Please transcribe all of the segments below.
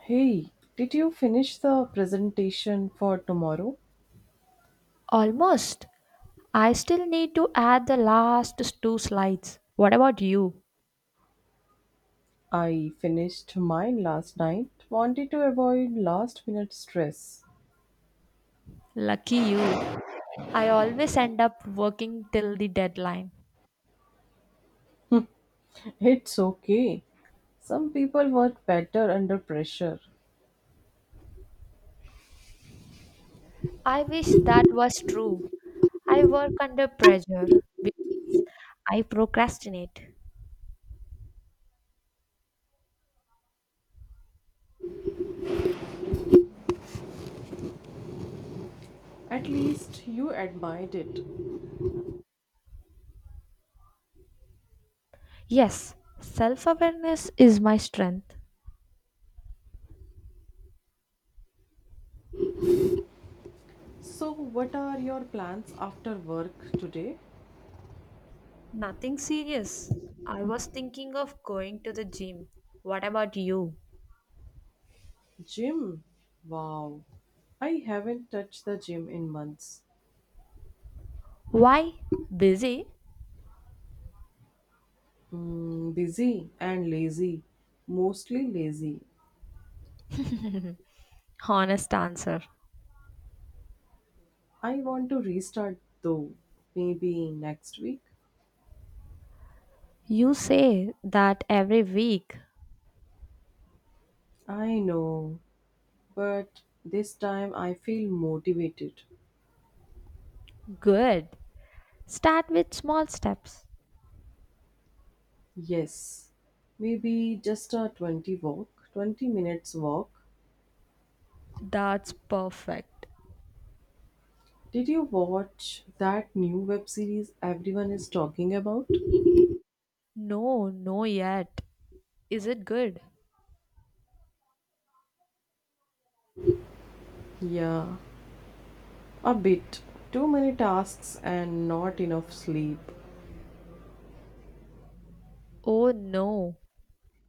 Hey, did you finish the presentation for tomorrow? Almost. I still need to add the last two slides. What about you? I finished mine last night. Wanted to avoid last minute stress. Lucky you. I always end up working till the deadline. It's okay. Some people work better under pressure. I wish that was true. I work under pressure. be- I procrastinate. At least you admired it. Yes, self awareness is my strength. So, what are your plans after work today? Nothing serious. I was thinking of going to the gym. What about you? Gym. Wow. I haven't touched the gym in months. Why? Busy? Busy and lazy. Mostly lazy. Honest answer. I want to restart though, maybe next week. You say that every week. I know, but this time I feel motivated. Good. Start with small steps. Yes, maybe just a 20 minutes walk. That's perfect. Did you watch that new web series everyone is talking about? No, no, yet. Is it good? Yeah, a bit. Too many tasks and not enough sleep. Oh, no.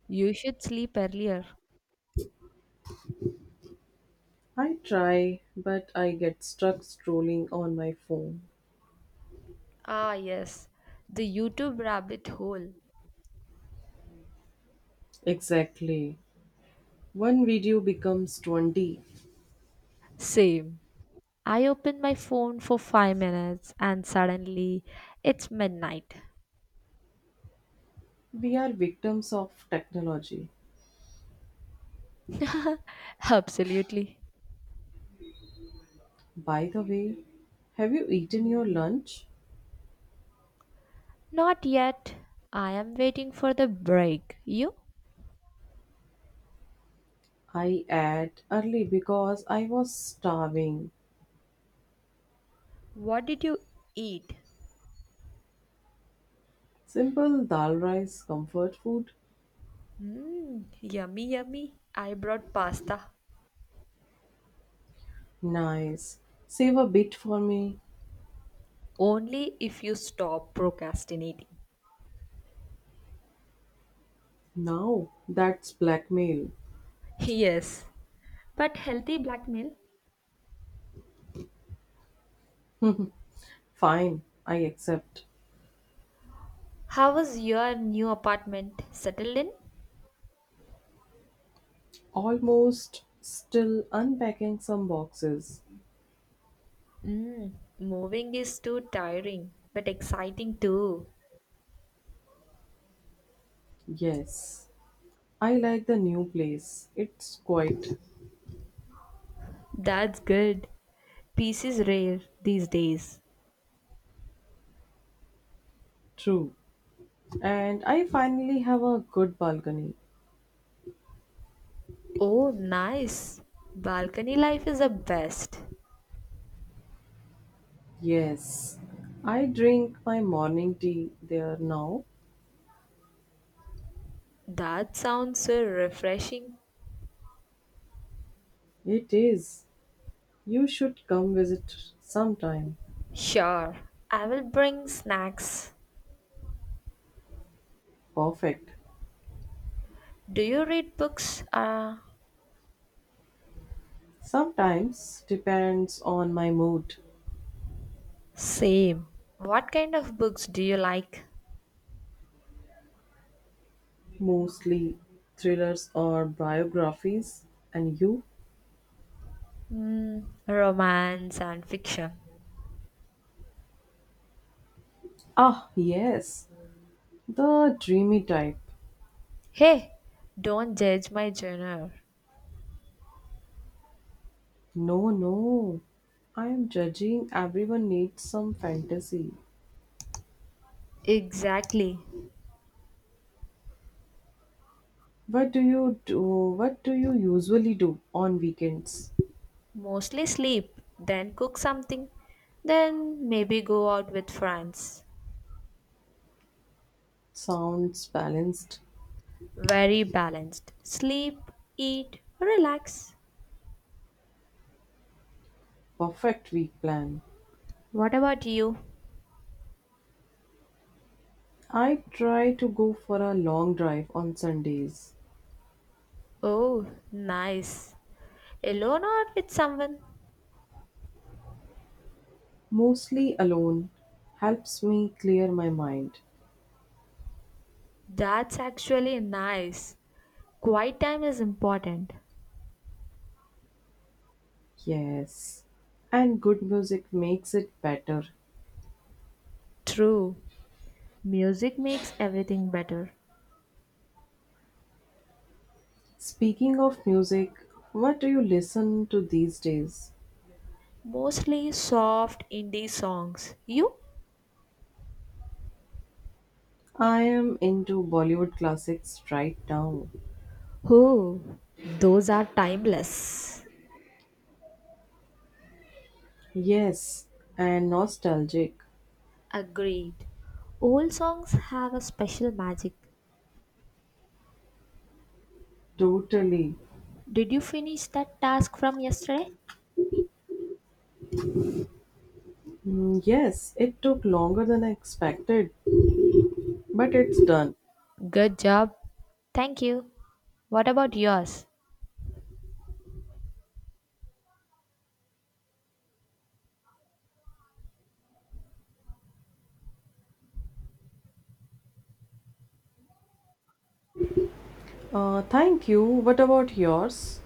You should sleep earlier. I try, but I get stuck scrolling on my phone. Ah, yes. The YouTube rabbit hole. Exactly. One video becomes 20. Same. I open my phone for 5 minutes and suddenly it's midnight. We are victims of technology. Absolutely. By the way, have you eaten your lunch? Not yet. I am waiting for the break. You? I ate early because I was starving. What did you eat? Simple dal rice, comfort food? Mm, yummy, yummy. I brought pasta. Nice. Save a bit for me. Only if you stop procrastinating. Now that's blackmail. Yes. But healthy blackmail? Fine, I accept. How was your new apartment? Settled in? Almost still unpacking some boxes. Mm, moving is too tiring, but exciting too. Yes, I like the new place. It's quite That's good. Peace is rare these days. true. And I finally have a good balcony. Oh, nice. Balcony life is the best. Yes, I drink my morning tea there now. That sounds so refreshing. It is. You should come visit sometime. Sure, I will bring snacks. Perfect. Do you read books? Uh, Sometimes depends on my mood. same. What kind of books do you like? Mostly thrillers or biographies. And you? Mm, romance and fiction. Ah, yes. The dreamy type. Hey, don't judge my genre. No, no. I am judging everyone needs some fantasy. Exactly. What do you do? What do you usually do on weekends? Mostly sleep, then cook something, then maybe go out with friends. Sounds balanced. Very balanced. Sleep, eat, relax. Perfect week plan. What about you? I try to go for a long drive on Sundays, Oh, nice. Alone or with someone? mostly alone. Helps me clear my mind. That's actually nice. Quiet time is important. Yes. And good music makes it better. True. Music makes everything better. Speaking of music, what do you listen to these days? Mostly soft indie songs. You? I am into Bollywood classics right now. Oh, those are timeless. Yes, and nostalgic. Agreed. Old songs have a special magic. Totally. Did you finish that task from yesterday? Yes, it took longer than I expected. But it's done. Good job. Thank you. What about yours? Thank you. What about yours?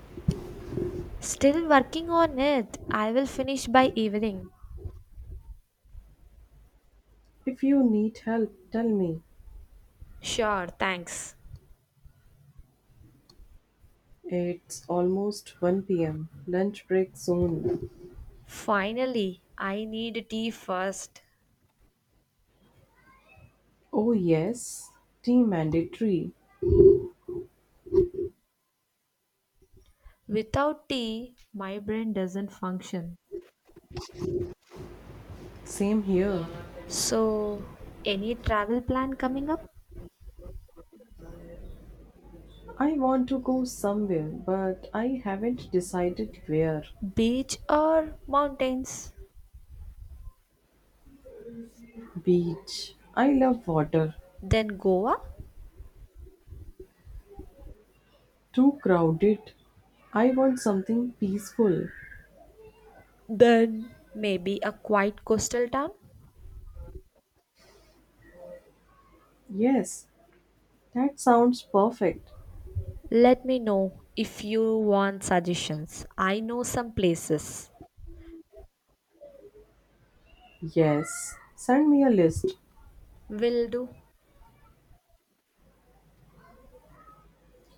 Still working on it. I will finish by evening. If you need help, tell me. Sure, thanks. It's almost 1 pm. Lunch break soon. Finally, I need tea first. Oh, yes. Tea mandatory. Without tea, my brain doesn't function. Same here. So, any travel plan coming up? I want to go somewhere, but I haven't decided where. Beach or mountains? Beach. I love water. Then Goa? Too crowded. I want something peaceful. Then maybe a quiet coastal town? Yes, that sounds perfect. Let me know if you want suggestions. I know some places. Yes, send me a list. Will do.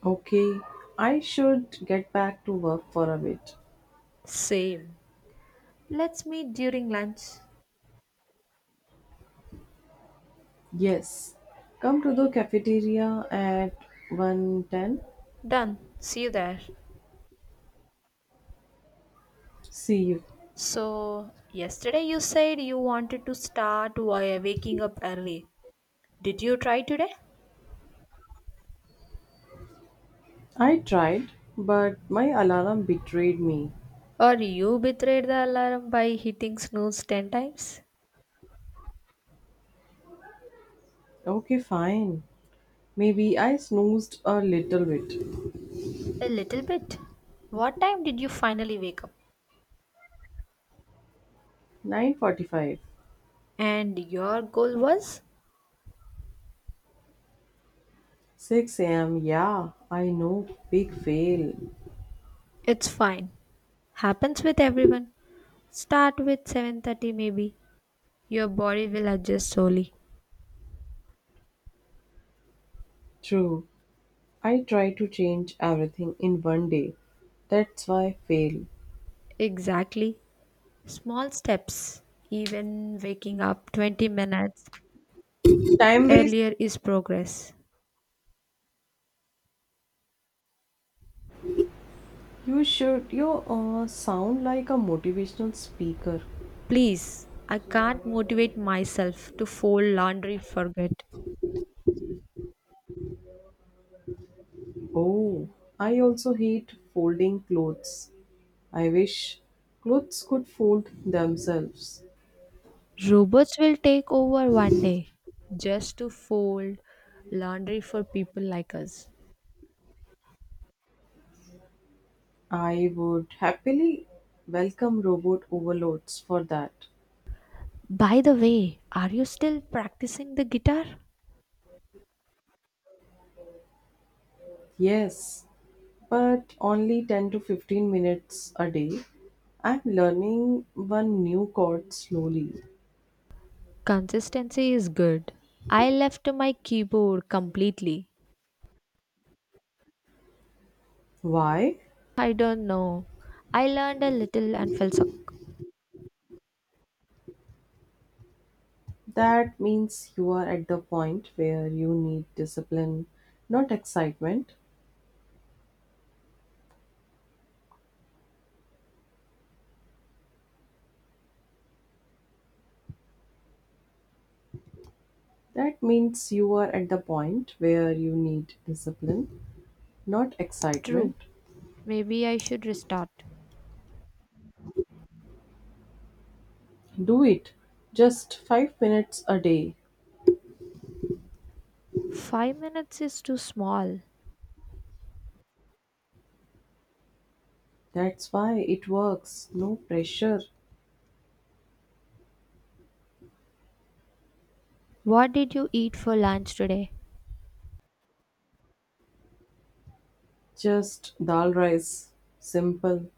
Okay, I should get back to work for a bit. Same. Let's meet during lunch. Yes, come to the cafeteria at 1:10. Done. See you there. See you. So, yesterday you said you wanted to start while waking up early. Did you try today? I tried, but my alarm betrayed me. Or you betrayed the alarm by hitting snooze 10 times? Okay, fine. Maybe I snoozed a little bit. A little bit. What time did you finally wake up? 9:45. And your goal was? 6 a.m. Yeah, I know. Big fail. It's fine. Happens with everyone. Start with 7:30 maybe. Your body will adjust slowly. True. I try to change everything in one day. That's why I fail. Exactly. Small steps. Even waking up 20 minutes Time waste. earlier is progress. You should. You sound like a motivational speaker. Please, I can't motivate myself to fold laundry forget. Oh, I also hate folding clothes. I wish clothes could fold themselves. Robots will take over one day just to fold laundry for people like us. I would happily welcome robot overloads for that. By the way, are you still practicing the guitar? Yes, but only 10 to 15 minutes a day. I'm learning one new chord slowly. Consistency is good. I left my keyboard completely. Why? I don't know. I learned a little and fell suck. That means you are at the point where you need discipline, not excitement. That means you are at the point where you need discipline, not True. excitement. Maybe I should restart. Do it. Just 5 minutes a day. 5 minutes is too small. That's why it works. No pressure. What did you eat for lunch today? Just dal rice. Simple.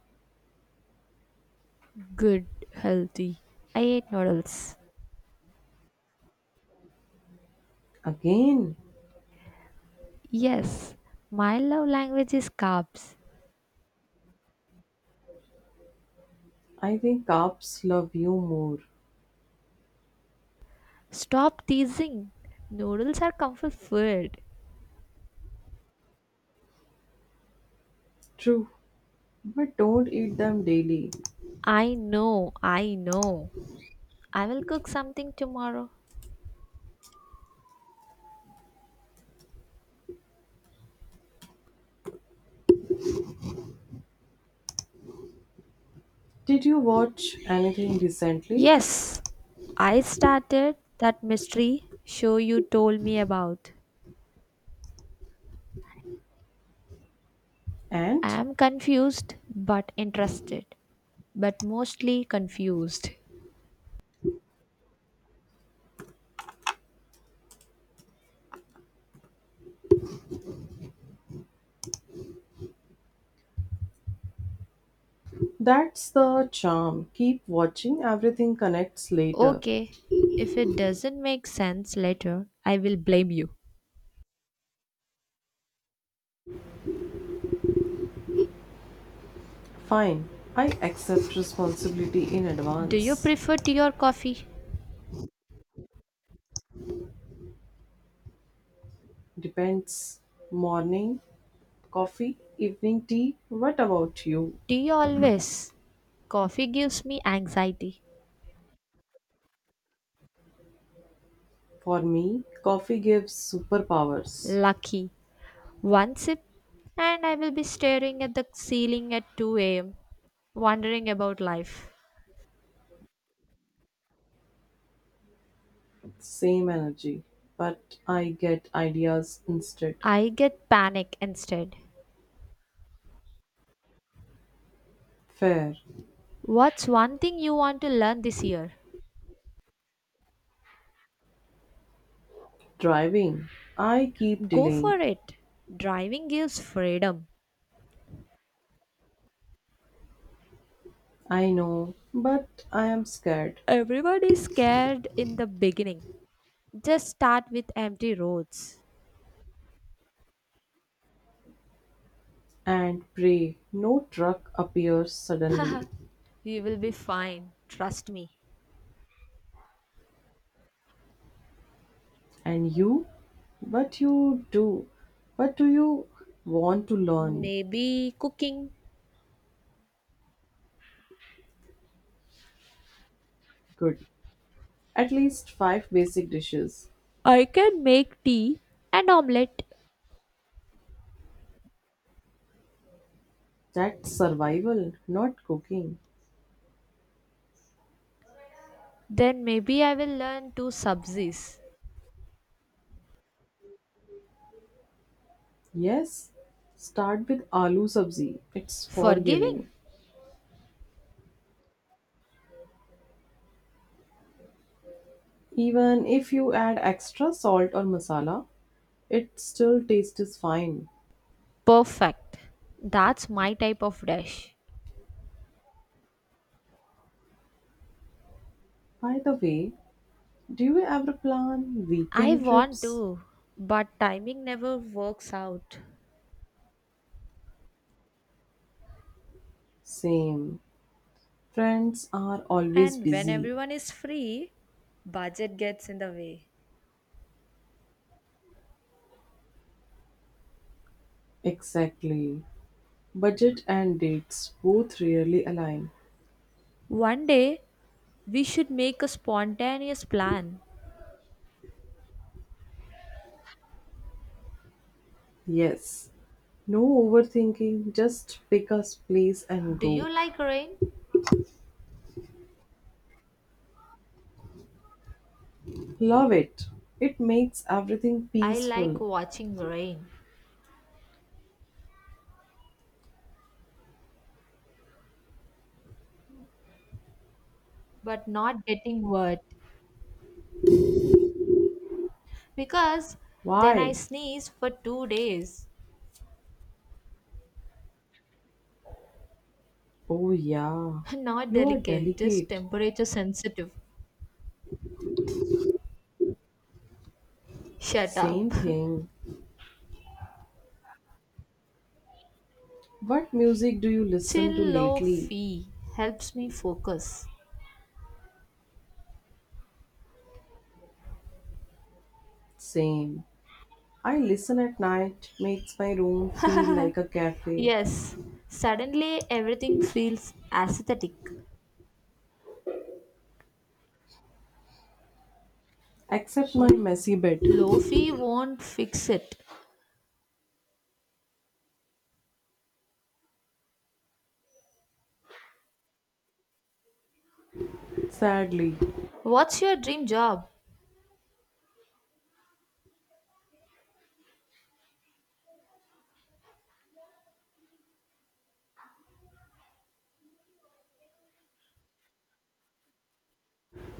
Good, healthy. I ate noodles. Again, Yes, my love language is carbs. I think carbs love you more. Stop teasing. Noodles are comfort food. True, but don't eat them daily. I know. I will cook something tomorrow. Did you watch anything recently? Yes, I started that mystery show you told me about. I And. am confused but interested, but mostly confused. That's the charm. Keep watching, everything connects later. Okay, if it doesn't make sense later, I will blame you. Fine, I accept responsibility in Do you advance. prefer tea or coffee? Depends. Morning, coffee, evening tea. What about you? Do you always? Coffee gives me anxiety. For me, coffee gives superpowers. Lucky. One sip, and I will be staring at the ceiling at 2 a.m., wondering about life. Same energy, but I get ideas instead. I get panic instead. Fair. What's one thing you want to learn this year? Driving. I keep Go delaying. for it. Driving gives freedom. I know, but I am scared. Everybody is scared in the beginning. Just start with empty roads. And pray no truck appears suddenly. You will be fine. Trust me. And you? But you do. But do you want to learn? Maybe cooking. Good. At least five basic dishes. I can make tea and omelette. That's survival, not cooking. Then maybe I will learn to subsist. Yes? Start with aloo sabzi. It's forgiving. Forgiving? Even if you add extra salt or masala, it still tastes fine. Perfect. That's my type of dish. By the way, do you ever plan I weekend want trips? to, but timing never works out. Same. Friends are always And when busy. everyone is free, budget gets in the way. Exactly. Budget and dates both rarely align. One day we should make a spontaneous plan. Yes, no overthinking, just pick a place and Do you go. like rain? Love it. It makes everything I like peaceful. watching rain, but not getting wet. Because then I Why? sneeze for 2 days. Oh, yeah. Not You are delicate, just delicate. temperature sensitive. Shut up. Same thing. What music do you listen to lately? Chillophy helps me focus. Same. I listen at night, makes my room feel like a cafe. Yes, suddenly everything feels aesthetic. Except my messy bed, Lofi won't fix it. sadly. What's your dream job?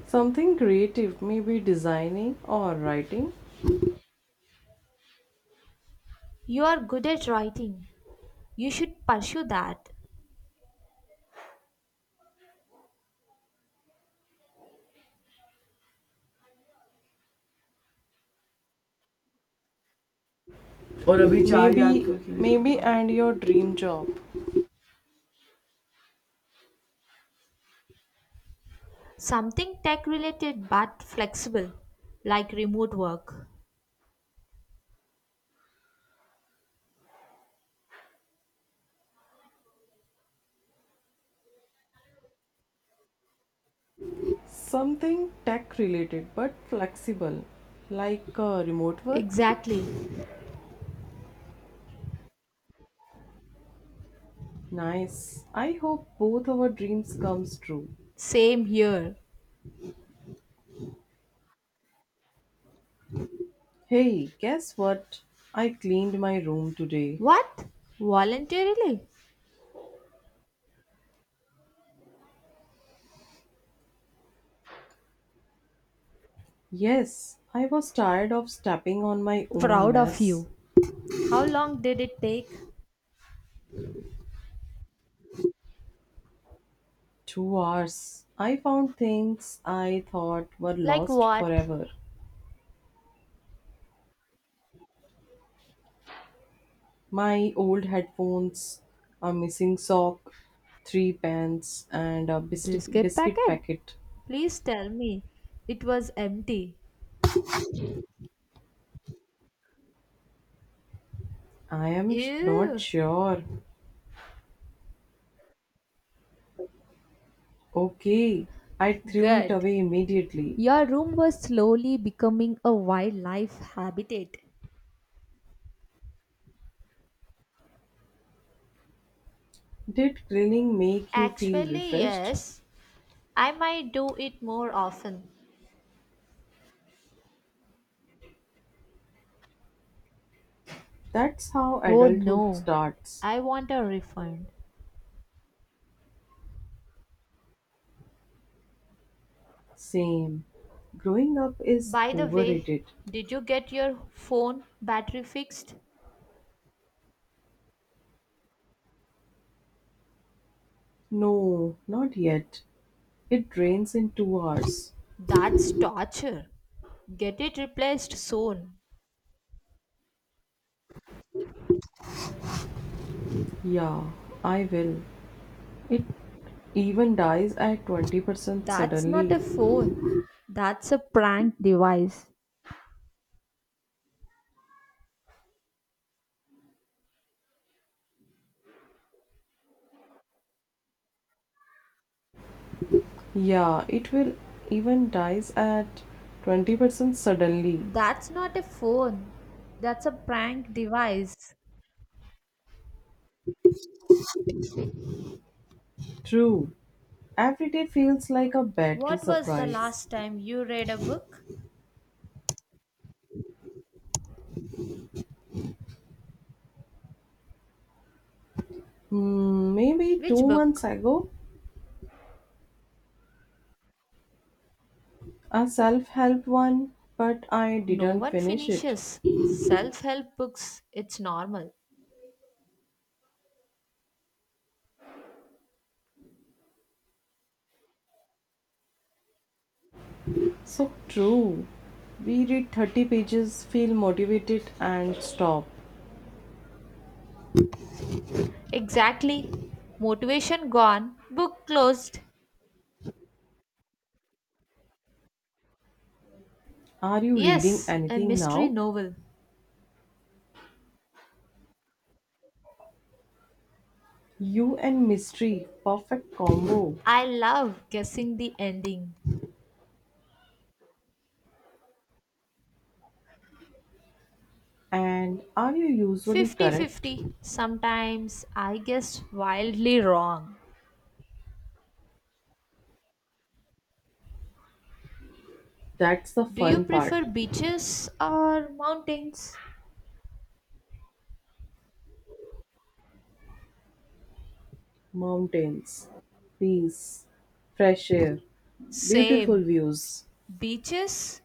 Something creative, maybe designing or writing. You are good at writing. You should pursue that. और अभी maybe maybe, and your dream job, Something tech related but flexible, like remote work. something tech related but flexible, like remote work. Exactly. Nice. I hope both our dreams comes true. Same here. Hey, guess what? I cleaned my room today. What? Voluntarily? Yes, I was tired of stepping on my own Proud of mess. you. How long did it take? 2 hours. I found things I thought were Like lost what? forever. My old headphones, a missing sock, three pants, and a biscuit, Biscuit biscuit packet. packet. Please tell me. It was empty. I am not Ew. sure. Okay, I threw it Good. away immediately. Your room was slowly becoming a wildlife habitat. Did cleaning make you feel Actually, refreshed? yes. I might do it more often. That's how Oh adulthood no. starts. I want a refund. Same. Growing up is By the way, overrated. did you get your phone battery fixed? No, not yet. It drains in 2 hours. That's torture. Get it replaced soon. Yeah, I will. It even dies at 20% That's suddenly. not a phone. That's a prank device. Yeah, it will even dies at 20% suddenly. That's not a phone. That's a prank device. True. Every day feels like a battery What was the surprise. last time you read a book? Maybe two Which months book? ago, a self help one, but I No didn't one finish it. finishes. Self help books, it's normal. So true. We read 30 pages, feel motivated, and stop. Exactly. Motivation gone, book closed. Are you reading Yes, a anything mystery now? novel. You and mystery, perfect combo. I love guessing the ending. And are you usually correct? 50-50. Sometimes I guess wildly wrong. That's the Do you fun part. prefer beaches or mountains? Mountains, peace, fresh air, beautiful Same. views, Beaches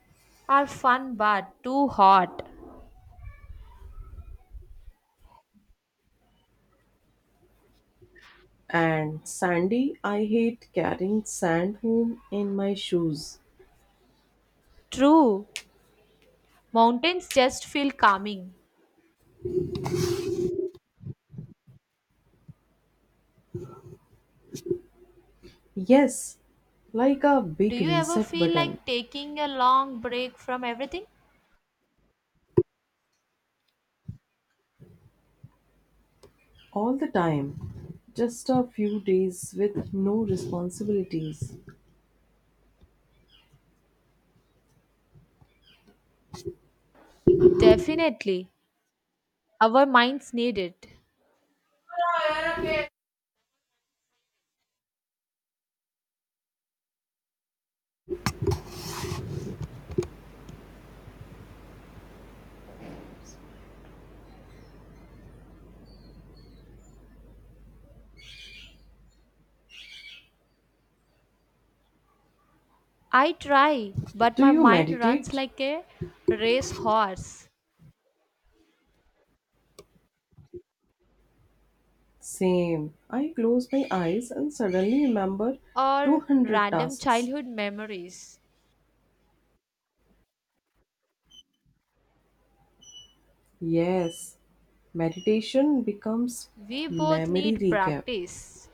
are fun but too hot. and sandy. I hate carrying sand home in my shoes. True. Mountains just feel calming. Yes, like a Do big you ever reset feel button like taking a long break from everything? all the time. Just a few days with no responsibilities. Definitely. Our minds need it. I try, but Do my you mind runs meditate? like a racehorse Same. I close my eyes and suddenly remember or 200 random tasks. childhood memories. Yes, meditation becomes We both memory need recap. practice.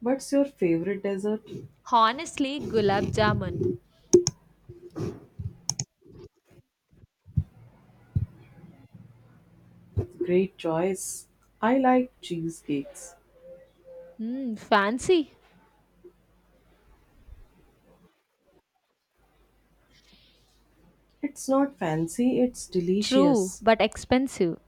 What's your favorite dessert? Honestly, gulab jamun. Great choice. I like cheesecakes. Hmm, fancy. It's not fancy, it's True, delicious. but expensive.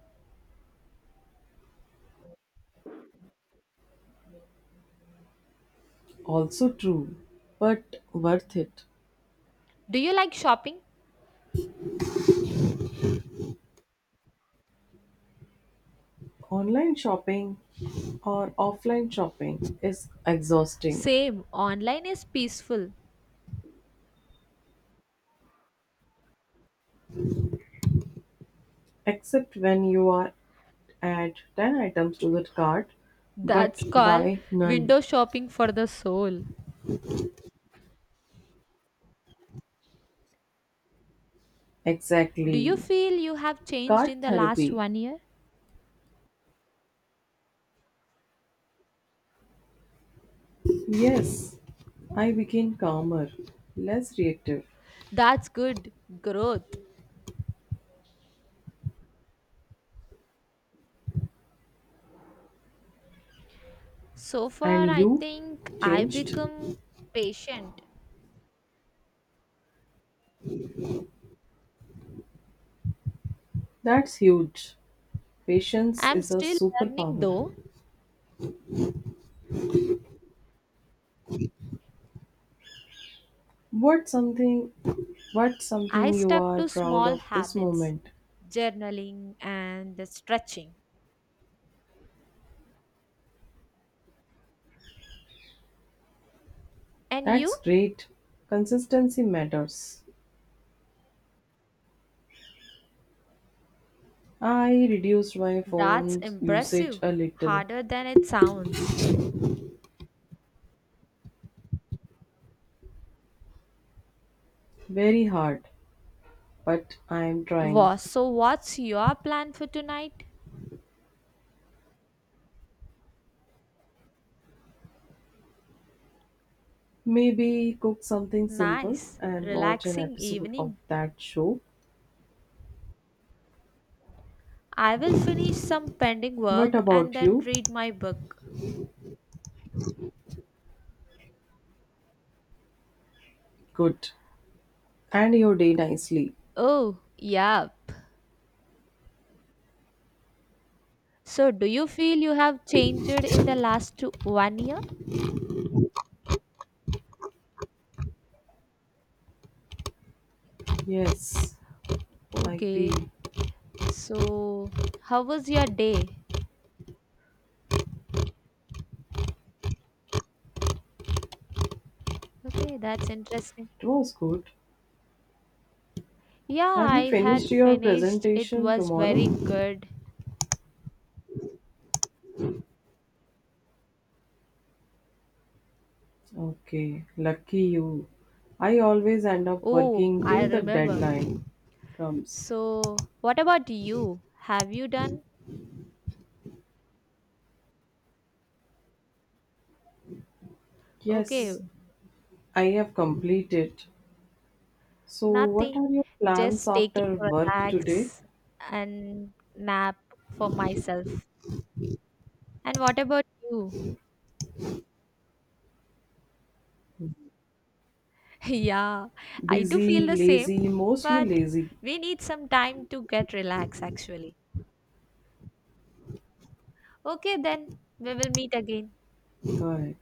Also true, but worth it. Do you like shopping? Online shopping or offline shopping is exhausting, Same, online is peaceful. except when you are add 10 items to the cart but That's called buy none. window shopping for the soul. Do you Exactly. feel you have changed Cart in the last therapy. one year? Yes, I became calmer, less reactive. That's good growth. So And far, I you think I changed? become patient. That's huge. Patience I'm is a still learning superpower. though. What something what I something you stuck are to proud small of this habits, moment? journaling and stretching. And That's you? great. Consistency matters. I reduced my That's phone usage impressive. a little. Harder than it sounds. Very hard, but I am trying. So, what's your plan for tonight? Maybe cook something simple Nice, and watch an relaxing episode of evening. that show. I will finish some pending What work and about then you? read my book. Good. And your day nicely. Oh, yup. So, do you feel you have changed in the last two, one year? Yes, I feel Okay. it So, how was your day? Okay, that's interesting. was good. Yeah, Have you I finished had your finished. It presentation was tomorrow? very good. Okay, lucky you. I always end up Oh, working I till the remember. deadline comes. So, what about you? Have you done? Okay, Yes, I have completed. So, what are nothing. your plans Just taking after work today? relax and nap for myself. And what about you? yeah, I do feel Busy, the same, lazy, mostly but lazy. we need some time to get relaxed actually. Okay, then we will meet again. Correct.